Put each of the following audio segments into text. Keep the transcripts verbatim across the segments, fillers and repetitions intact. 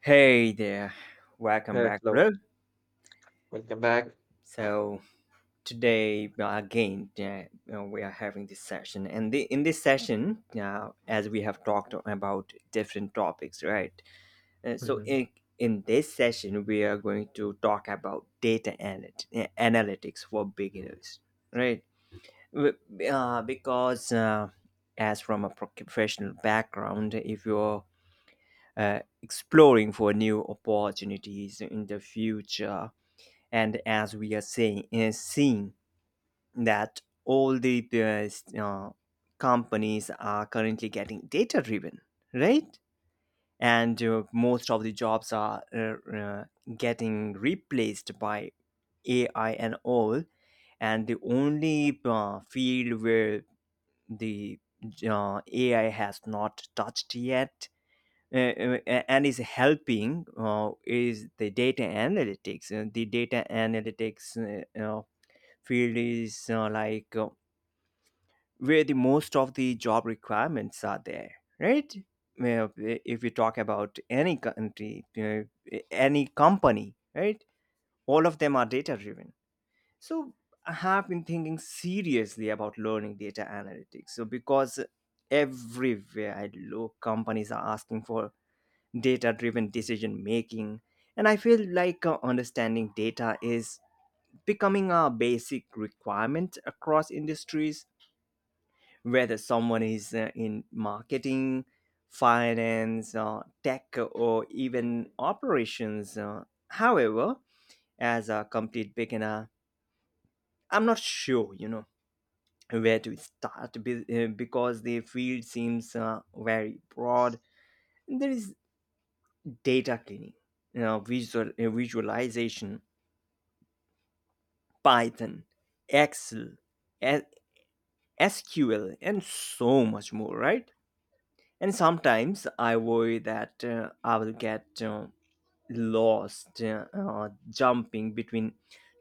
Hey there, welcome Hey, back, hello, bro. welcome back. So today uh, again, uh, you know, we are having this session, and the, in this session, uh, as we have talked about different topics, right? Uh, so Mhm. in, in this session, we are going to talk about data analyt- uh, analytics for beginners, right? W- Uh, because uh, as from a professional background, if you're uh, exploring for new opportunities in the future, and as we are saying, is seeing that all the uh, s- uh, companies are currently getting data driven, right? And uh, most of the jobs are uh, uh, getting replaced by ai and all, and the only uh, field where the uh, ai has not touched yet uh, uh, and is helping uh, is the data analytics. Uh, the data analytics uh, uh, field is uh, like uh, where the most of the job requirements are there, right? Well, if you talk about any country, uh, any company, right? All of them are data driven. So I have been thinking seriously about learning data analytics, so because everywhere I look, companies are asking for data driven decision making, and I feel like uh, understanding data is becoming a basic requirement across industries, whether someone is uh, in marketing, finance, uh, tech, or even operations. Uh, however, as a complete beginner, I'm not sure, you know, where to start be- uh, because the field seems uh, very broad. There is data cleaning, you know, visual, uh, visualization, Python, Excel, S- SQL, and so much more, right? And sometimes I worry that uh, I will get uh, lost uh, uh, jumping between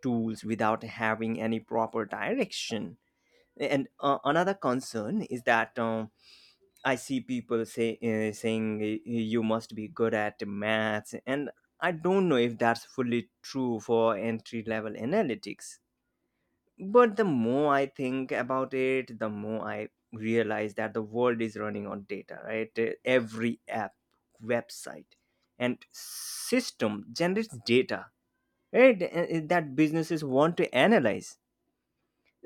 tools without having any proper direction. And uh, another concern is that uh, I see people say uh, saying uh, you must be good at maths, and I don't know if that's fully true for entry level analytics. But the more I think about it, the more I realize that the world is running on data, right? Uh, every app, website, and system generates data, right? uh, uh, That businesses want to analyze.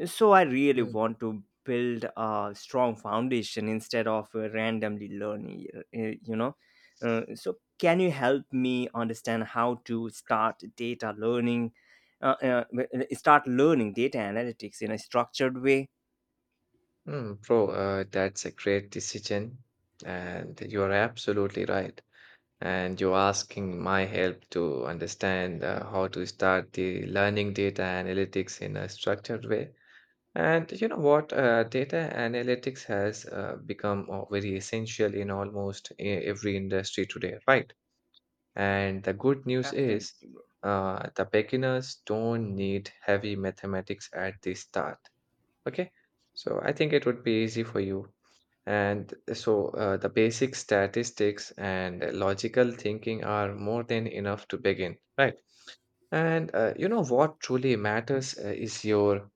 So I really mm want to build a strong foundation instead of uh, randomly learning, y- you know. Uh, so can you help me understand how to start data learning, uh, uh, uh, start learning data analytics in a structured way? Mm, Bro, uh, that's a great decision, and you are absolutely right. And you're asking my help to understand uh, how to start the learning data analytics in a structured way. And you know what? Uh, data analytics has uh, become uh, very essential in almost e- every industry today, right? And the good news is, Absolutely, bro. uh, the beginners don't need heavy mathematics at the start. Okay, so I think it would be easy for you. And so uh, the basic statistics and logical thinking are more than enough to begin, right? And uh, you know what truly matters uh, is your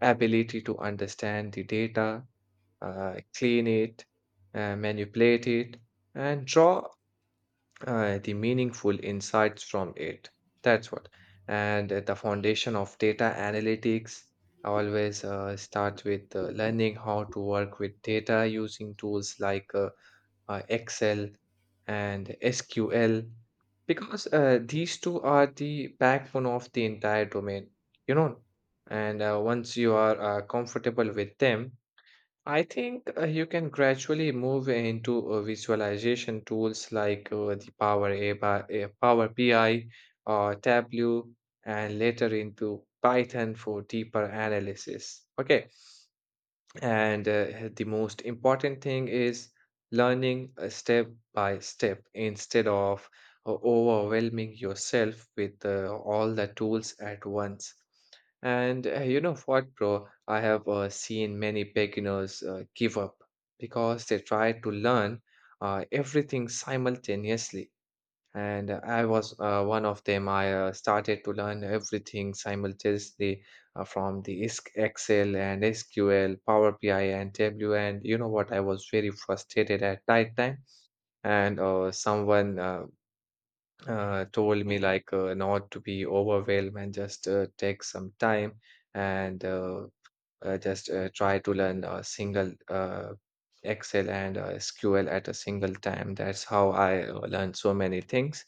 ability to understand the data, uh, clean it, uh, manipulate it, and draw uh, the meaningful insights from it. That's what. And uh, the foundation of data analytics always uh, starts with uh, learning how to work with data using tools like uh, uh, Excel and S Q L, because uh, these two are the backbone of the entire domain, you know. And uh, once you are uh, comfortable with them, I think uh, you can gradually move into uh, visualization tools like uh, the Power A I, uh, Power B I, or Tableau, and later into Python for deeper analysis. Okay, and uh, the most important thing is learning uh, step by step instead of uh, overwhelming yourself with uh, all the tools at once. And uh, you know what, bro? I have uh, seen many beginners uh, give up because they try to learn uh, everything simultaneously. And uh, I was uh, one of them. I uh, started to learn everything simultaneously uh, from the I S K Excel and S Q L, Power B I, and W. And you know what? I was very frustrated at that time. And uh, someone uh, uh, told me like uh, not to be overwhelmed and just uh, take some time and uh, uh, just uh, try to learn a single uh, Excel and uh, S Q L at a single time. That's how I uh, learned so many things.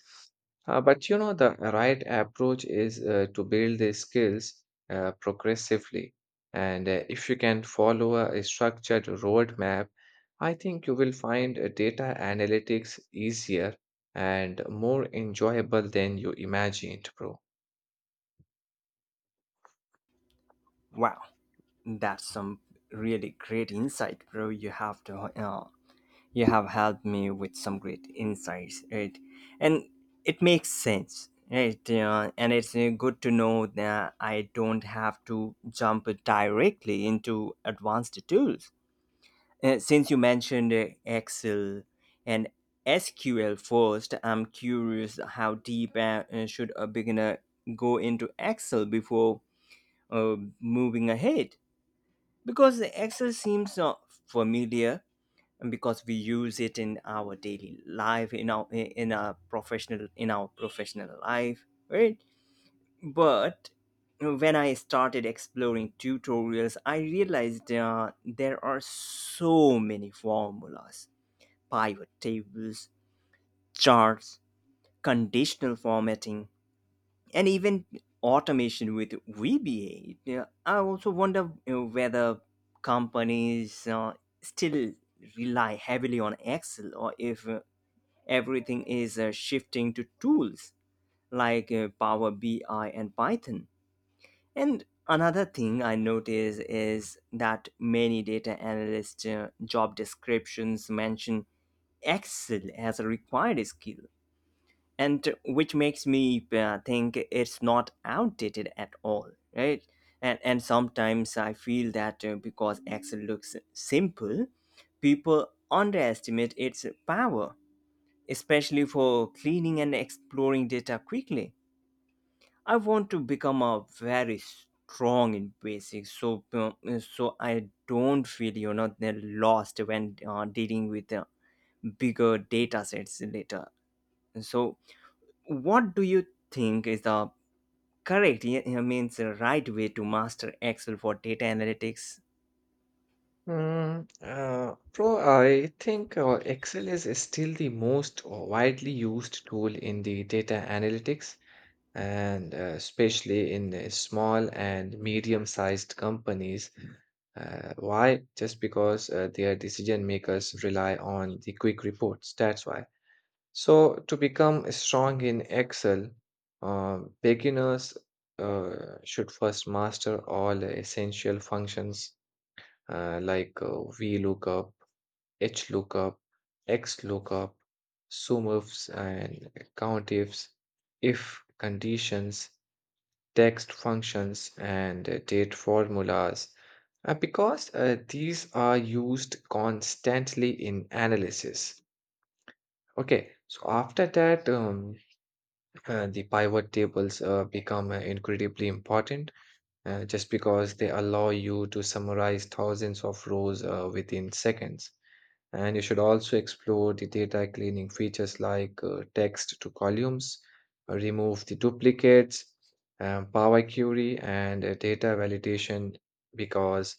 Uh, but you know, the right approach is uh, to build these skills uh, progressively. And uh, if you can follow a, a structured roadmap, I think you will find uh, data analytics easier and more enjoyable than you imagined, bro. Wow, that's some really great insight, bro. You have to uh, You have helped me with some great insights, right? And it makes sense, right? Uh, and it's uh, good to know that I don't have to jump directly into advanced tools. Uh, since you mentioned uh, Excel and S Q L first, I'm curious how deep uh, uh, should a beginner go into Excel before uh, moving ahead? Because Excel seems uh, familiar, because we use it in our daily life, in our in our professional in our professional life, right? But when I started exploring tutorials, I realized uh, there are so many formulas, pivot tables, charts, conditional formatting, and even automation with vba. Yeah, I also wonder, you know, whether companies uh, still rely heavily on excel, or if uh, everything is uh, shifting to tools like uh, Power B I and Python. And another thing I notice is that many data analyst uh, job descriptions mention Excel as a required skill, and which makes me uh, think it's not outdated at all, right? And and sometimes I feel that uh, because Excel looks simple, people underestimate its power, especially for cleaning and exploring data quickly. I want to become a very strong in basics, so uh, so I don't feel, you know, they're lost when uh, dealing with uh, bigger data sets later. So, what do you think is the correct yeah, I means the right way to master Excel for data analytics? Mm, uh, bro, I think uh, Excel is still the most uh, widely used tool in the data analytics, and uh, especially in the small and medium-sized companies. Uh, why? Just because uh, their decision makers rely on the quick reports. That's why. So, to become strong in Excel, uh, beginners uh, should first master all essential functions uh, like uh, VLOOKUP, HLOOKUP, XLOOKUP, sum ifs, and COUNTIFs, if conditions, text functions, and uh, date formulas. Uh, because uh, these are used constantly in analysis. Okay, so after that, um, Uh, the pivot tables uh, become uh, incredibly important uh, just because they allow you to summarize thousands of rows uh, within seconds. And you should also explore the data cleaning features like uh, text to columns, uh, remove the duplicates, um, Power Query, and uh, data validation because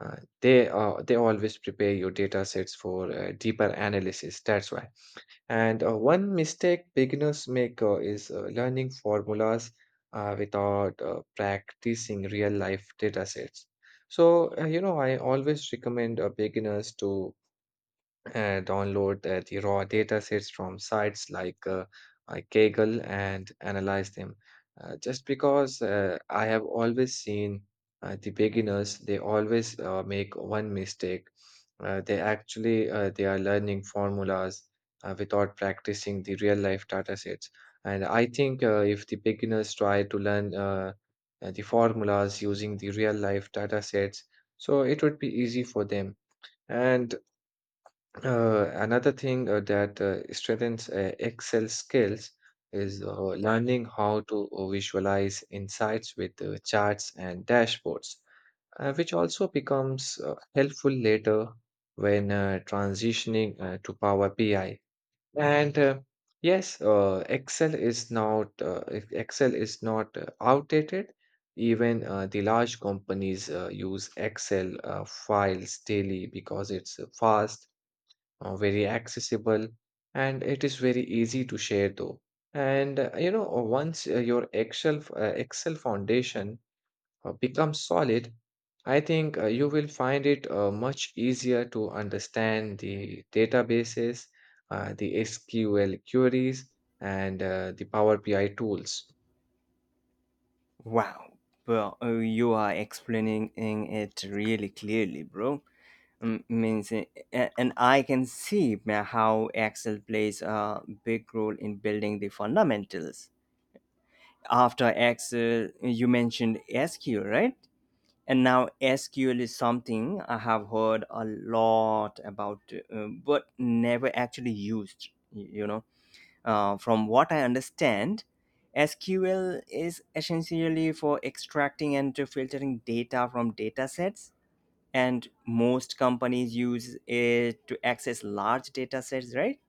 uh, they are they always prepare your data sets for uh, deeper analysis. That's why. And uh, one mistake beginners make uh, is uh, learning formulas uh, without uh, practicing real life data sets. So, uh, you know, I always recommend uh, beginners to uh, download uh, the raw data sets from sites like uh, uh, Kaggle and analyze them. Uh, just because uh, I have always seen uh, the beginners, they always uh, make one mistake. Uh, they actually uh, they are learning formulas uh, without practicing the real life data sets. And I think uh, if the beginners try to learn uh, uh, the formulas using the real life data sets, so it would be easy for them. And uh, another thing uh, that uh, strengthens uh, Excel skills is uh, learning how to uh, visualize insights with uh, charts and dashboards, uh, which also becomes uh, helpful later when uh, transitioning uh, to Power B I. And uh, yes, uh, Excel is not uh, ex- Excel is not uh, outdated. Even uh, the large companies uh, use Excel uh, files daily because it's uh, fast, uh, very accessible, and it is very easy to share, though. And uh, you know, uh, once uh, your excel f- uh, Excel foundation uh, becomes solid, I think uh, you will find it uh, much easier to understand the databases, uh, the SQL queries, and uh, the Power BI tools. Wow, well, uh, you are explaining it really clearly, bro. Mm, means a- a- and I can see ma- how excel plays a big role in building the fundamentals. After excel, you mentioned sql, right? And now sql is something I have heard a lot about, uh, but never actually used, y- you know uh, From what I understand, sql is essentially for extracting and filtering data from data sets, and most companies use it to access large data sets, right?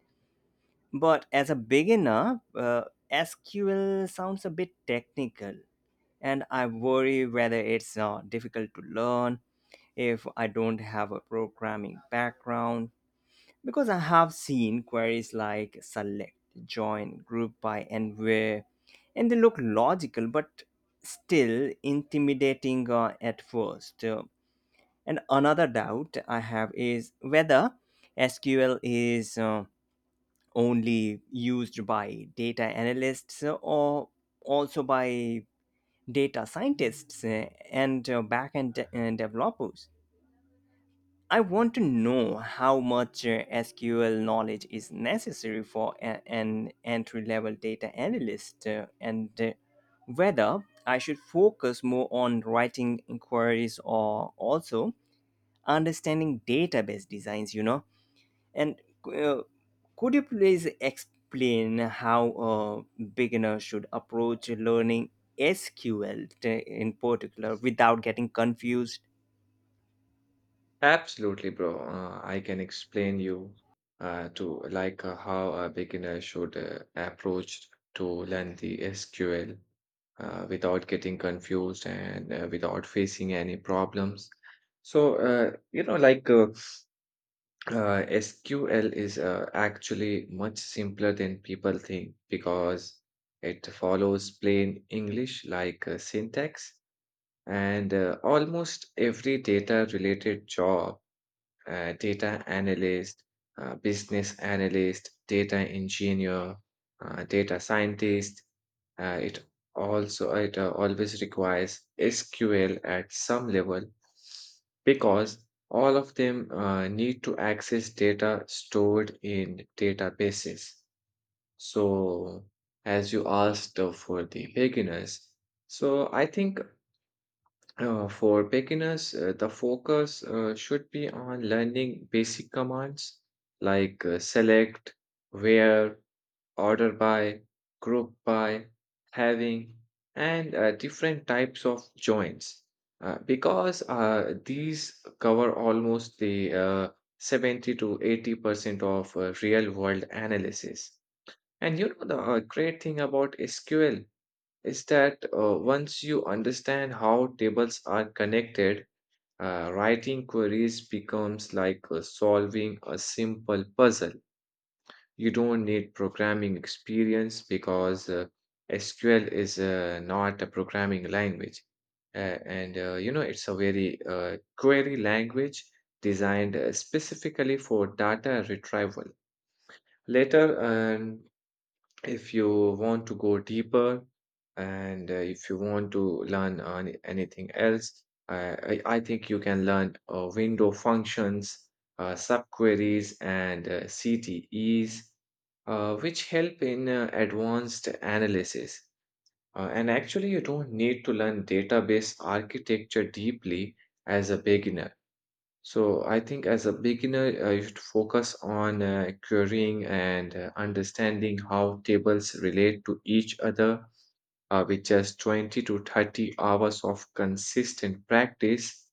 But as a beginner, uh, sql sounds a bit technical, and I worry whether it's uh, difficult to learn if I don't have a programming background, because I have seen queries like select, join, group by, and where, and they look logical but still intimidating uh, at first. Uh, and another doubt I have is whether S Q L is uh, only used by data analysts, or also by data scientists uh, and uh, backend de- uh, developers. I want to know how much uh, S Q L knowledge is necessary for a- an entry level data analyst, uh, and uh, whether I should focus more on writing inquiries or also understanding database designs, you know. And uh, could you please explain how a beginner should approach learning sql in particular without getting confused? Absolutely, bro. Uh, I can explain you uh, to like uh, how a beginner should uh, approach to learn the S Q L uh, without getting confused and uh, without facing any problems. So, uh, you know, like uh, uh, S Q L is uh, actually much simpler than people think because it follows plain English like uh, syntax, and uh, almost every data related job, uh, data analyst, uh, business analyst, data engineer, uh, data scientist. Uh, it also it uh, always requires S Q L at some level because all of them uh, need to access data stored in databases. So, as you asked uh, for the beginners, so I think uh, for beginners, uh, the focus uh, should be on learning basic commands like uh, select, where, order by, group by, having, and uh, different types of joins. Uh, because uh, these cover almost the uh, seventy to eighty percent of uh, real world analysis. And you know, the uh, great thing about S Q L is that uh, once you understand how tables are connected, uh, writing queries becomes like uh, solving a simple puzzle. You don't need programming experience because uh, S Q L is uh, not a programming language. Uh, and uh, you know, it's a very uh, query language designed uh, specifically for data retrieval. Later, um, if you want to go deeper and uh, if you want to learn on anything else, I, I, I think you can learn uh, window functions, uh, subqueries, and uh, C T Es, uh, which help in uh, advanced analysis. Uh, and actually, you don't need to learn database architecture deeply as a beginner. So I think as a beginner, uh, you should focus on uh, querying and uh, understanding how tables relate to each other uh, with just twenty to thirty hours of consistent practice.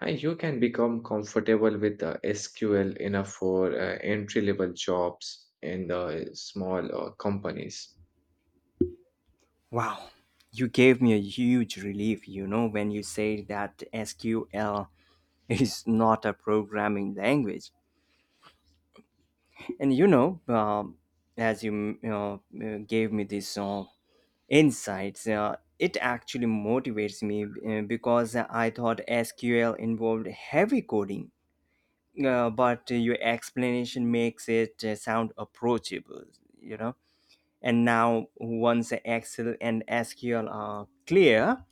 And you can become comfortable with uh, S Q L enough for uh, entry-level jobs in the small uh, companies. Wow, you gave me a huge relief, you know, when you say that sql is not a programming language. And you know, um, as you, you know, uh, gave me this uh, insights. Uh, it actually motivates me, uh, because I thought S Q L involved heavy coding, uh, but your explanation makes it uh, sound approachable, you know. And now, once Excel and S Q L are clear,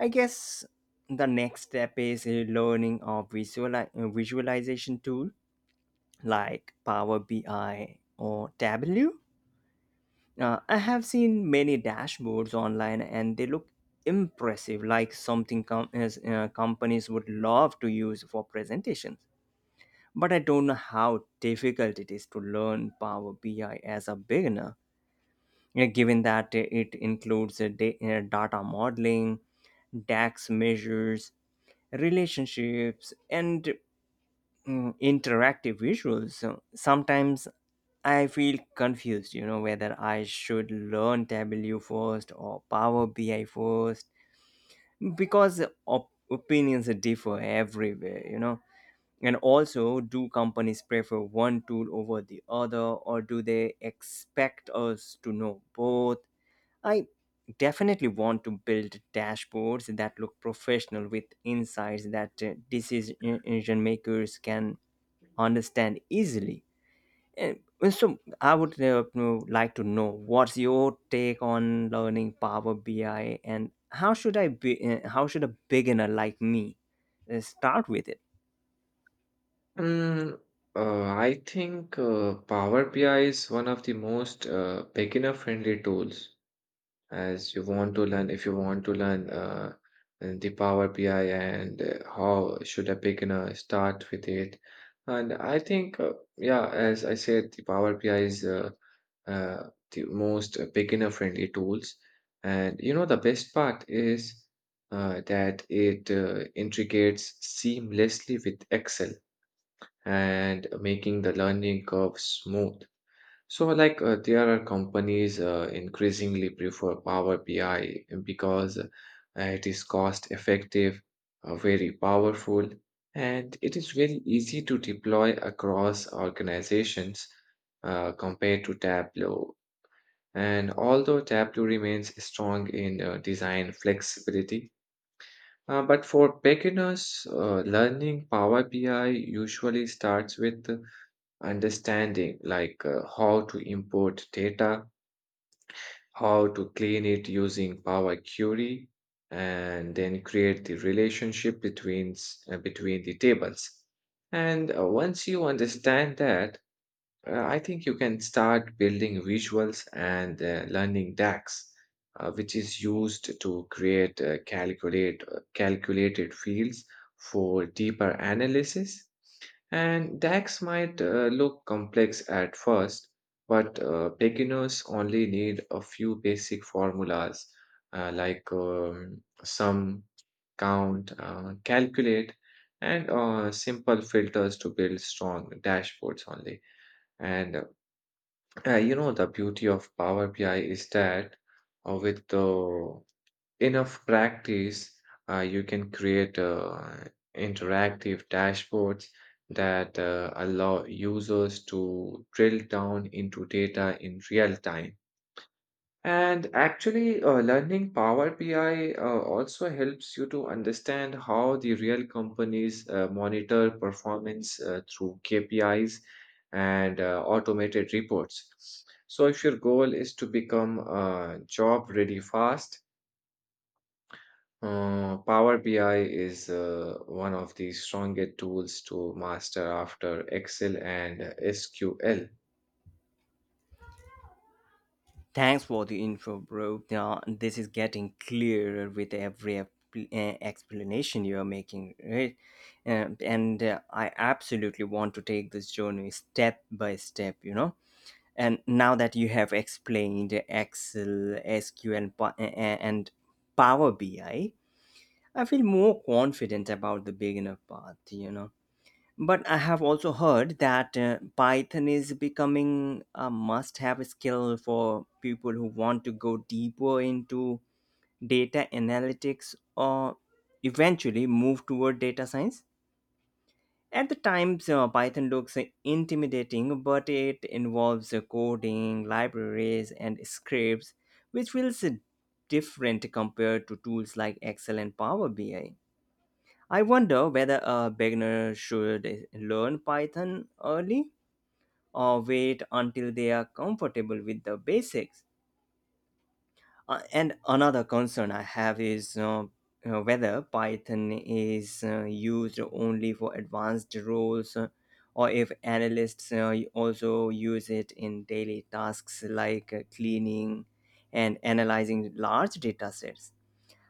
I guess the next step is uh, learning a visual visualization tool like Power B I or Tableau. Uh, I have seen many dashboards online, and they look impressive, like something com- as, uh, companies would love to use for presentations. But I don't know how difficult it is to learn Power B I as a beginner, uh, given that it includes uh, da- uh, data modeling, DAX measures, relationships, and mm, interactive visuals. So sometimes I feel confused, you know, whether I should learn Tableau first or Power B I first, because op- opinions differ everywhere, you know. And also, do companies prefer one tool over the other, or do they expect us to know both? I definitely want to build dashboards that look professional, with insights that uh, decision makers can understand easily. Eh, So I would uh, know- like to know what's your take on learning Power B I, and how should I be? Uh, How should a beginner like me uh, start with it? Mm, uh, I think uh, Power B I is one of the most uh, beginner-friendly tools, as you want to learn. If you want to learn uh, uh, the Power B I and uh, how should a beginner start with it. And I think, uh, yeah, as I said, the Power B I is uh, uh, the most beginner friendly tools. And you know, the best part is uh, that it uh, integrates seamlessly with Excel and making the learning curve smooth. So, like, uh, there are companies uh, increasingly prefer Power B I because uh, it is cost effective, uh, very powerful, and it is very easy to deploy across organizations uh, compared to Tableau. And although Tableau remains strong in uh, design flexibility, uh, but for beginners, uh, learning Power B I usually starts with uh, understanding like uh, how to import data, how to clean it using Power Query, and then create the relationship between s- uh, between the tables. And uh, once you understand that, uh, I think you can start building visuals and uh, learning DAX, uh, which is used to create uh, calculate uh, calculated fields for deeper analysis. And DAX might uh, look complex at first, but uh, beginners only need a few basic formulas uh, like um, sum, count, uh, calculate, and uh, simple filters to build strong dashboards only. And uh, uh, you know, the beauty of Power B I is that uh, with the enough practice, uh, you can create uh, interactive dashboards that uh, allow users to drill down into data in real time. And actually, uh, learning Power B I uh, also helps you to understand how the real companies uh, monitor performance uh, through K P Is and uh, automated reports. So, if your goal is to become uh, job ready fast, uh, Power B I is uh, one of the strongest tools to master after Excel and S Q L. Thanks for the info, bro. Now, this is getting clearer with every ep- uh, explanation you're making, right? Um, and uh, I absolutely want to take this journey step by step, you know. And now that you have explained Excel, S Q L, pa- uh, uh, and Power B I, I I feel more confident about the beginner path, you know. But I have also heard that uh, Python is becoming a must have skill for people who want to go deeper into data analytics, or eventually move toward data science. At the times, uh, Python looks uh, intimidating, but it involves uh, coding, libraries, and scripts, which feels uh, different compared to tools like Excel and Power B I. I I wonder whether a beginner should uh, learn Python early, or wait until they are comfortable with the basics. Uh, and another concern I have is uh, uh, whether Python is uh, used only for advanced roles, uh, or if analysts uh, also use it in daily tasks like uh, cleaning and analyzing large data sets.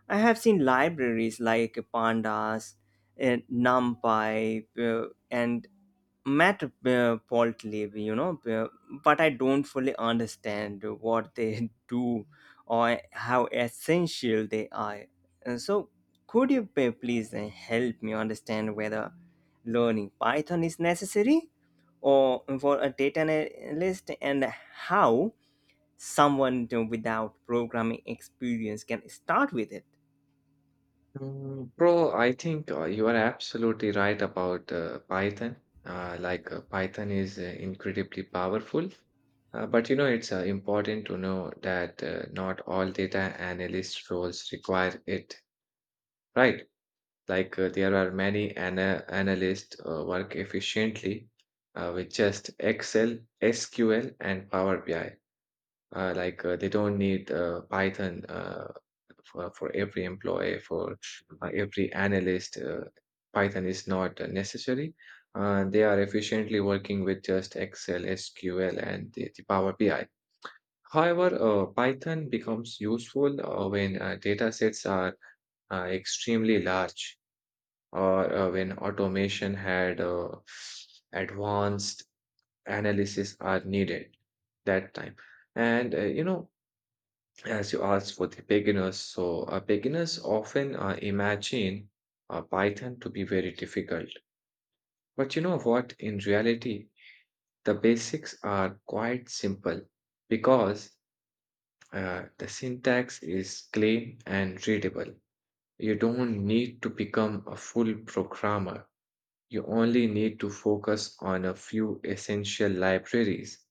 I have seen libraries like Pandas, uh, NumPy, uh, and Matt uh, Pault live, you know, uh, but I don't fully understand what they do or how essential they are. And so, could you p- please uh, help me understand whether learning Python is necessary or for a data analyst, and how someone uh, without programming experience can start with it? Mm, Bro, I think uh, you are absolutely right about uh, Python. Uh, like uh, Python is uh, incredibly powerful, uh, but you know it's uh, important to know that uh, not all data analyst roles require it, right? Like uh, there are many ana analysts uh, work efficiently uh, with just Excel, S Q L, and Power B I. Uh, like uh, they don't need uh, Python uh, for, for every employee, for uh, every analyst. Uh, Python is not uh, necessary. Uh, they are efficiently working with just Excel, S Q L, and the, the Power B I. However, uh, Python becomes useful uh, when uh, data sets are uh, extremely large or uh, when automation had uh, advanced analysis are needed that time. And uh, you know, as you asked for the beginners, so uh, beginners often uh, imagine uh, Python to be very difficult. But you know what? In reality, the basics are quite simple because uh, the syntax is clean and readable. You don't need to become a full programmer. You only need to focus on a few essential libraries.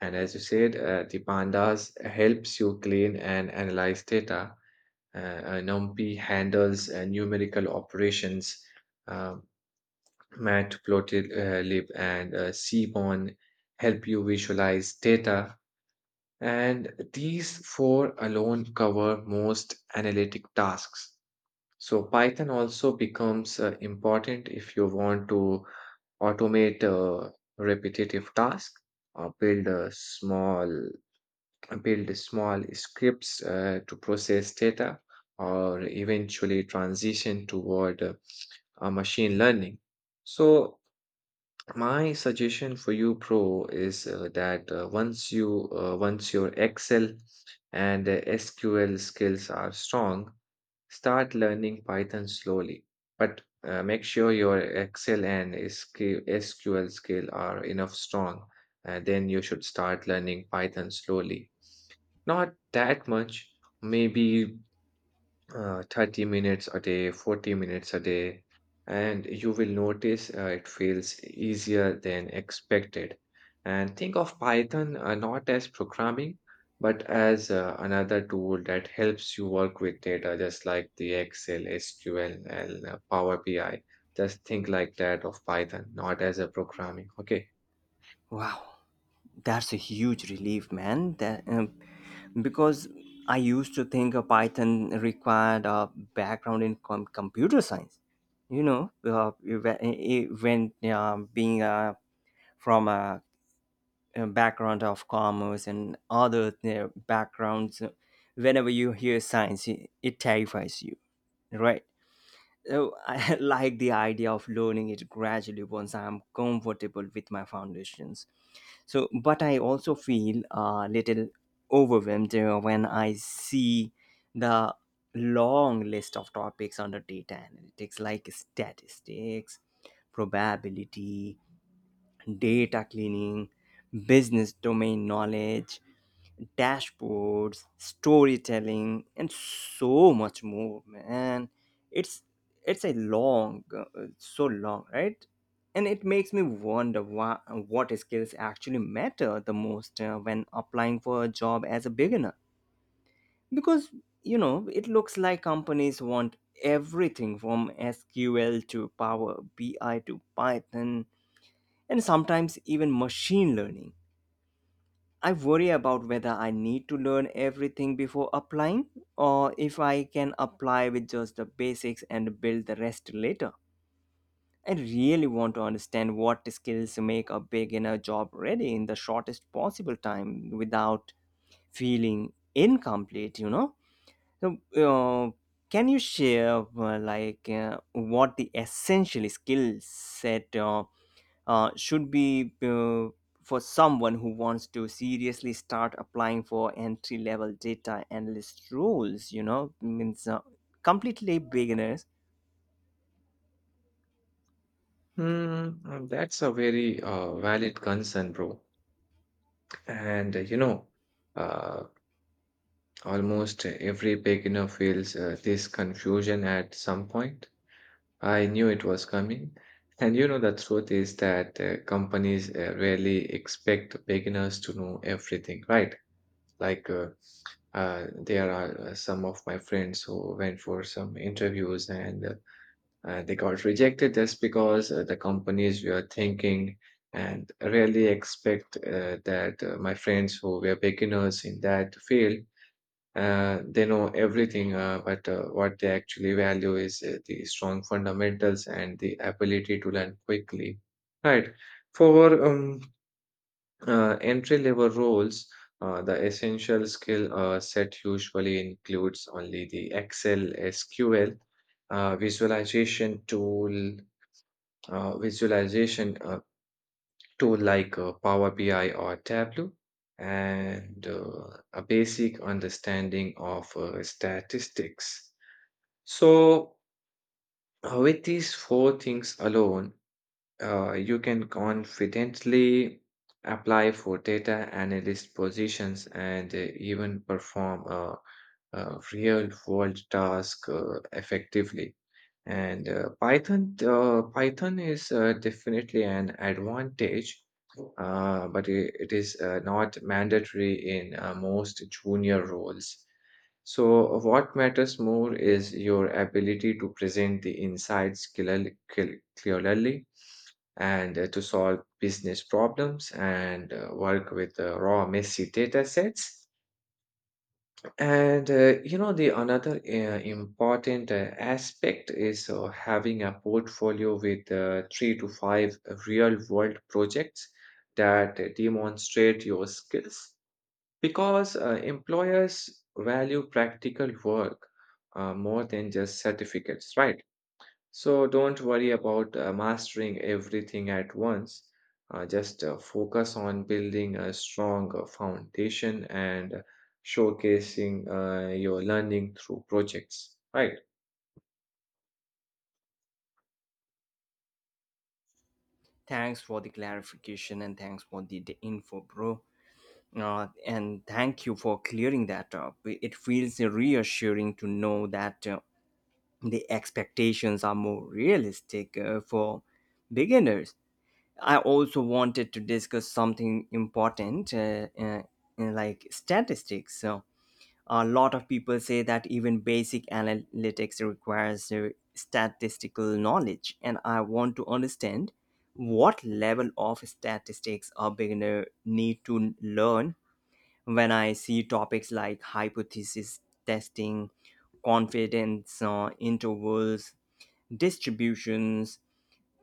And as you said, uh, the pandas helps you clean and analyze data Uh, uh, NumPy handles uh, numerical operations. Uh, matplotlib and uh, cmon help you visualize data, and these four alone cover most analytic tasks. So Python also becomes uh, important if you want to automate uh, repetitive tasks or build a small build small scripts uh, to process data or eventually transition toward uh, uh, machine learning. So my suggestion for you, Pro, is uh, that uh, once you uh, once your Excel and uh, S Q L skills are strong, start learning Python slowly. But uh, make sure your Excel and S Q L skill are enough strong, and then you should start learning Python slowly. Not that much, maybe uh, thirty minutes a day, forty minutes a day, and you will notice uh, it feels easier than expected. And think of Python uh, not as programming, but as uh, another tool that helps you work with data, just like the Excel, S Q L, and uh, Power B I. Just think like that of Python, not as a programming. Okay. Wow. That's a huge relief, man. That um, Because I used to think a Python required a background in com- computer science. You know, uh, when when, uh, being uh, from a, a background of commerce and other uh, backgrounds, uh, whenever you hear science, it, it terrifies you, right? So I like the idea of learning it gradually once I'm comfortable with my foundations. So, but I also feel a little overwhelmed uh, when I see the long list of topics under data analytics, like statistics, probability, data cleaning, business domain knowledge, dashboards, storytelling, and so much more, man. It's it's a long, uh, so long, right? And it makes me wonder why, what skills actually matter the most uh, when applying for a job as a beginner. Because you know, it looks like companies want everything from S Q L to Power B I to Python, and sometimes even machine learning. I worry about whether I need to learn everything before applying, or if I can apply with just the basics and build the rest later. I really want to understand what skills make a beginner job ready in the shortest possible time without feeling incomplete, you know? So, uh, can you share uh, like uh, what the essential skill set uh, uh, should be, uh, for someone who wants to seriously start applying for entry level data analyst roles, you know, means uh, completely beginners. Hmm, uh, that's a very uh, valid concern, bro. And uh, you know, uh, almost every beginner feels uh, this confusion at some point. I knew it was coming. And you know, the truth is that uh, companies uh, rarely expect beginners to know everything, right? Like, uh, uh, there are uh, some of my friends who went for some interviews and uh, uh, they got rejected just because uh, the companies were thinking and really expect uh, that uh, my friends who were beginners in that field uh, they know everything uh, but uh, what they actually value is uh, the strong fundamentals and the ability to learn quickly, right? For um, uh, entry level roles uh, the essential skill uh, set usually includes only the Excel, SQL, uh, visualization tool uh, visualization uh, tool like uh, Power B I or Tableau, and uh, a basic understanding of uh, statistics. So, uh, with these four things alone, uh, you can confidently apply for data analyst positions and uh, even perform a, a real world task uh, effectively. And uh, Python, uh, Python is uh, definitely an advantage, uh, but i- it is uh, not mandatory in uh, most junior roles. So, what matters more is your ability to present the insights clearly, cl- clearly and uh, to solve business problems and uh, work with uh, raw, messy data sets. And uh, you know, the another uh, important uh, aspect is uh, having a portfolio with uh, three to five real world projects that demonstrate your skills because uh, employers value practical work uh, more than just certificates, right? So don't worry about uh, mastering everything at once. Uh, just uh, focus on building a strong uh, foundation and showcasing uh, your learning through projects. Right. Thanks for the clarification and thanks for the, the info, bro. Uh, and thank you for clearing that up. It feels reassuring to know that uh, the expectations are more realistic uh, for beginners. I also wanted to discuss something important, uh, uh, uh, like statistics. So a lot of people say that even basic analytics requires uh, statistical knowledge, and I want to understand what level of statistics a beginner need to learn. When I see topics like hypothesis testing, confidence uh, intervals, distributions,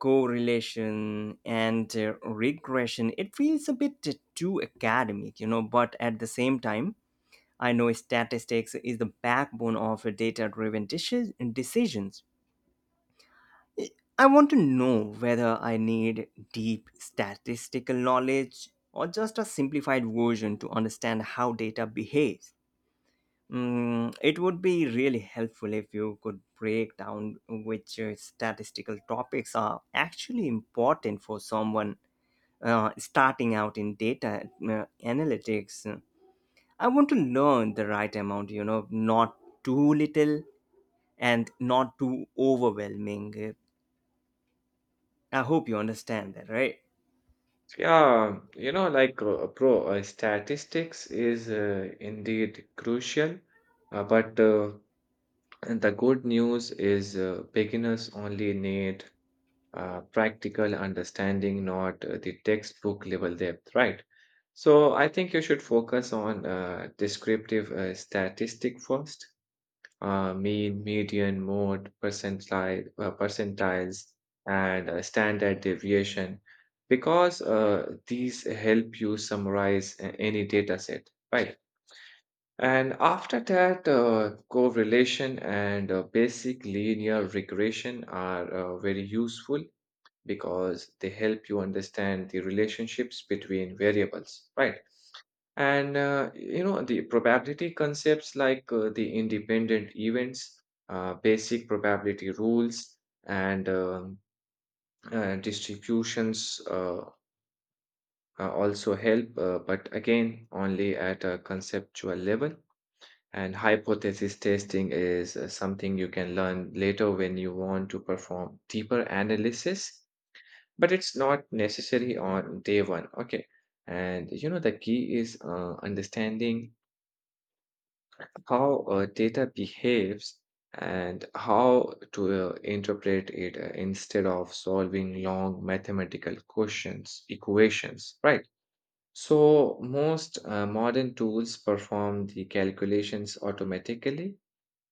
correlation and uh, regression, it feels a bit uh, too academic, you know, but at the same time I know statistics is the backbone of data driven decisions. I want to know whether I need deep statistical knowledge or just a simplified version to understand how data behaves. Mm, it would be really helpful if you could break down which uh, statistical topics are actually important for someone uh, starting out in data uh, analytics. I want to learn the right amount, you know, not too little and not too overwhelming. I hope you understand that, right? Yeah, you know, like uh, pro uh, statistics is uh, indeed crucial, uh, but uh, and the good news is uh, beginners only need uh, practical understanding, not uh, the textbook level depth, right? So I think you should focus on uh, descriptive uh, statistic first, uh, mean, median, mode, percentile, uh, percentiles, and uh, standard deviation, because uh, these help you summarize a- any data set, right? And after that, uh, correlation and uh, basic linear regression are uh, very useful because they help you understand the relationships between variables, right? And uh, you know, the probability concepts like uh, the independent events, uh, basic probability rules, and um, uh, distributions uh, uh, also help, uh, but again, only at a conceptual level. And hypothesis testing is uh, something you can learn later when you want to perform deeper analysis, but it's not necessary on day one, okay? And you know the key is uh, understanding how uh, data behaves and how to uh, interpret it uh, instead of solving long mathematical questions equations, right? So most uh, modern tools perform the calculations automatically,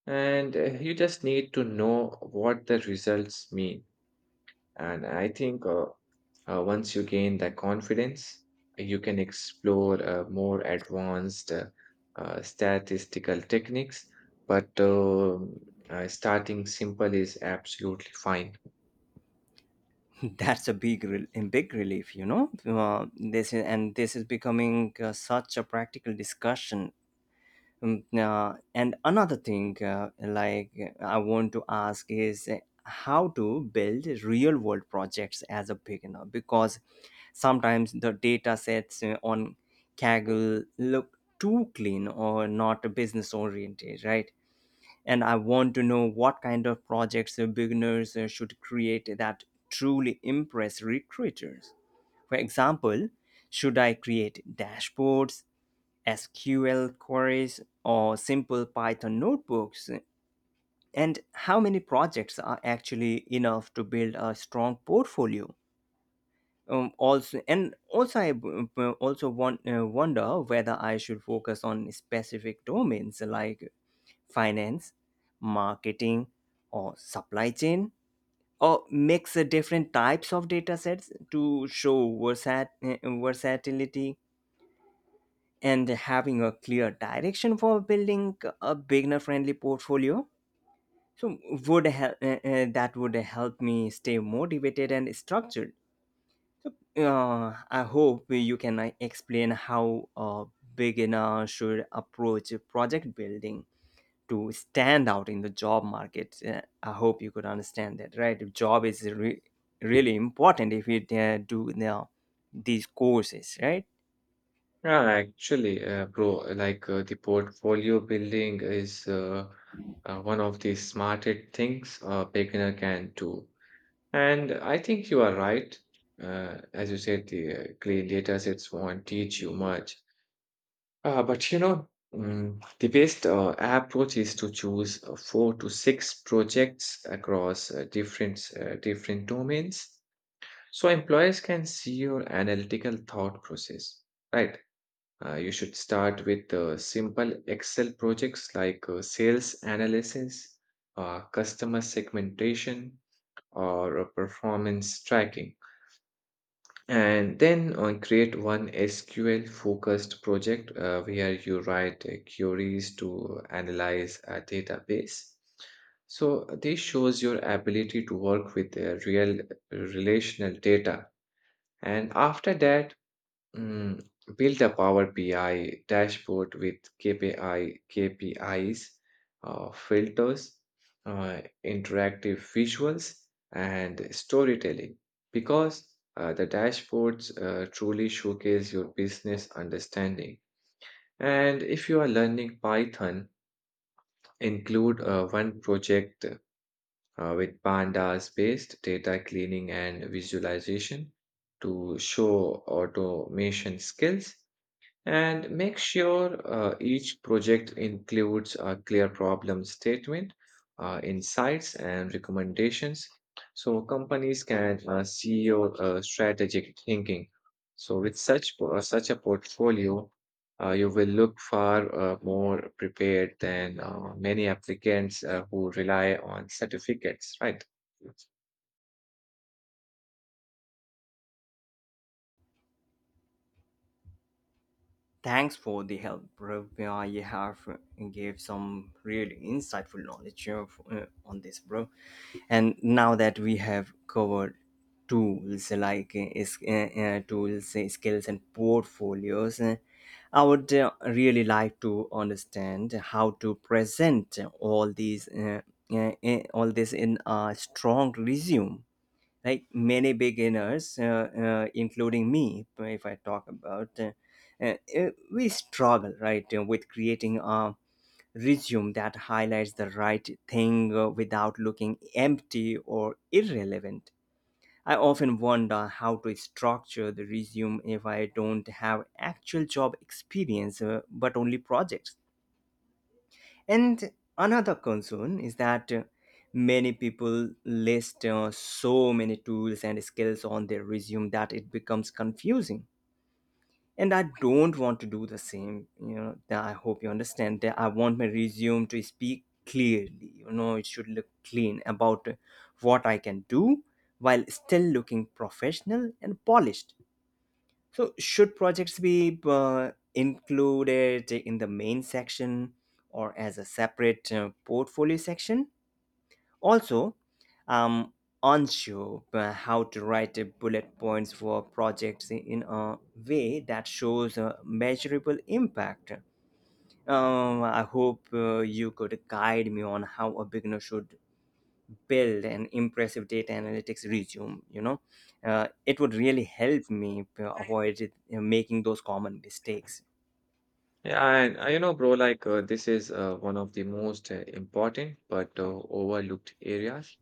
and uh, you just need to know what the results mean. And i think uh, Uh, once you gain that confidence, you can explore uh, more advanced uh, uh, statistical techniques, but uh, uh, starting simple is absolutely fine. That's a big rel a big relief, you know. Uh, this is, and this is becoming uh, such a practical discussion. Um, uh, and another thing, uh, like I want to ask is, uh, how to build real world projects as a beginner, because sometimes the data sets uh, on kaggle look too clean or not business oriented, right? And I want to know what kind of projects uh, beginners uh, should create that truly impress recruiters. For example, should I create dashboards, S Q L queries, or simple Python notebooks? And how many projects are actually enough to build a strong portfolio? Um, also, and also, I w- w- also want, uh, wonder whether I should focus on specific domains like finance, marketing, or supply chain, or mix uh, different types of data sets to show versat- uh, versatility, and having a clear direction for building a beginner friendly portfolio, so would help uh, uh, that would help me stay motivated and structured. So uh, I hope you can uh, explain how a beginner should approach project building to stand out in the job market. Uh, I hope you could understand that, right? Job is re- really important if you uh, do the, these courses, right? Yeah, actually, uh, bro, like uh, the portfolio building is uh, uh, one of the smartest things a beginner can do. And I think you are right. Uh, as you said, the uh, clean data sets won't teach you much. Uh, but you know, mm, the best uh, approach is to choose uh, four to six projects across uh, different uh, different domains, so employers can see your analytical thought process, right? Uh, you should start with uh, simple Excel projects like uh, sales analysis, uh, customer segmentation, or uh, performance tracking. And then uh, create one S Q L focused project uh, where you write uh, queries to analyze a database. So this shows your ability to work with uh, real uh, relational data. And after that, Mm, build a Power B I dashboard with KPI, K P Is, uh, filters, uh, interactive visuals, and storytelling. Because uh, the dashboards uh, truly showcase your business understanding. And if you are learning Python, include uh, one project uh, with pandas based data cleaning and visualization to show automation skills, and make sure uh, each project includes a clear problem statement, uh, insights, and recommendations so companies can uh, see your uh, strategic thinking. So, with such, po- uh, such a portfolio, uh, you will look far uh, more prepared than uh, many applicants uh, who rely on certificates, right? Thanks for the help, bro. Yeah, you have uh, gave some really insightful knowledge uh, uh, on this, bro. And now that we have covered tools like uh, is- uh, uh, tools, uh, skills, and portfolios, uh, I would uh, really like to understand how to present all these uh, uh, uh, all this in a strong resume. Like many beginners, uh, uh, including me, if I talk about, uh, uh, uh, we struggle, right, uh, with creating a resume that highlights the right thing uh, without looking empty or irrelevant. I often wonder how to structure the resume if I don't have actual job experience, uh, but only projects. And another concern is that uh, many people list uh, so many tools and skills on their resume that it becomes confusing. And I don't want to do the same. You know, that I hope you understand that I want my resume to speak clearly. You know, it should look clean about uh, what I can do, while still looking professional and polished. So, should projects be uh, included in the main section or as a separate uh, portfolio section? Also, I'm unsure uh, how to write uh, bullet points for projects in a way that shows a measurable impact. Um, I hope uh, you could guide me on how a beginner should build an impressive data analytics resume, you know. Uh, it would really help me uh, avoid it, uh, making those common mistakes. Yeah, and uh, you know, bro, like uh, this is uh, one of the most uh, important but uh, overlooked areas.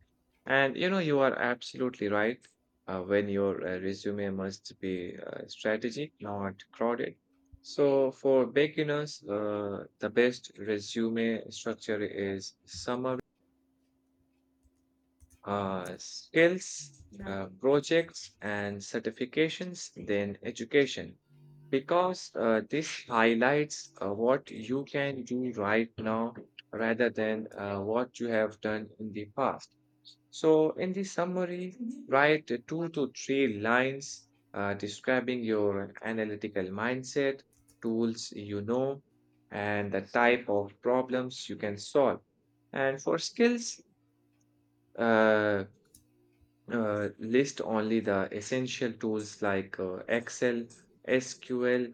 And you know, you are absolutely right uh, when your uh, resume must be uh, strategic, not crowded. So for beginners, uh, the best resume structure is summary, uh, skills, uh, projects, and certifications, then education. Because uh, this highlights uh, what you can do right now rather than uh, what you have done in the past. So, in the summary, write two to three lines uh, describing your analytical mindset, tools you know, and the type of problems you can solve. And for skills, uh, uh, list only the essential tools like uh, Excel, S Q L,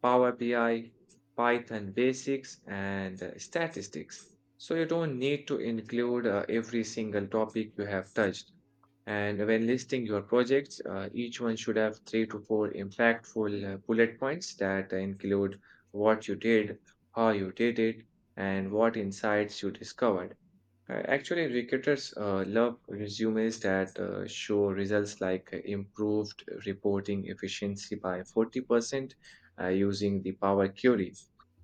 Power B I, Python basics, and uh, statistics. So you don't need to include uh, every single topic you have touched. And when listing your projects, uh, each one should have three to four impactful uh, bullet points that include what you did, how you did it, and what insights you discovered. Uh, Actually, recruiters uh, love resumes that uh, show results like uh, improved reporting efficiency by forty percent uh, using the Power Query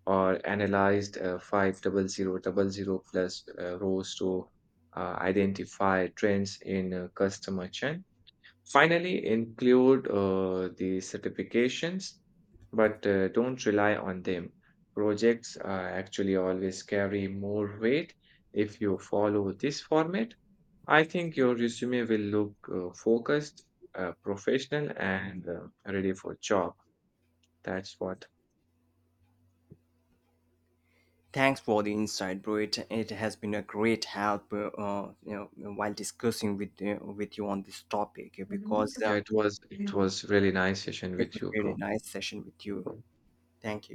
or analyzed uh, five hundred thousand plus uh, rows to uh, identify trends in uh, customer channel. Finally, include uh, the certifications, but uh, don't rely on them. Projects uh, actually always carry more weight. If you follow this format, I think your resume will look uh, focused, uh, professional, and uh, ready for job. That's what. Thanks for the insight, bro. It, it has been a great help, uh, uh, you know, while discussing with uh, with you on this topic, because Yeah, uh, it was it was really nice session it with was you, really bro. nice session with you. Thank you.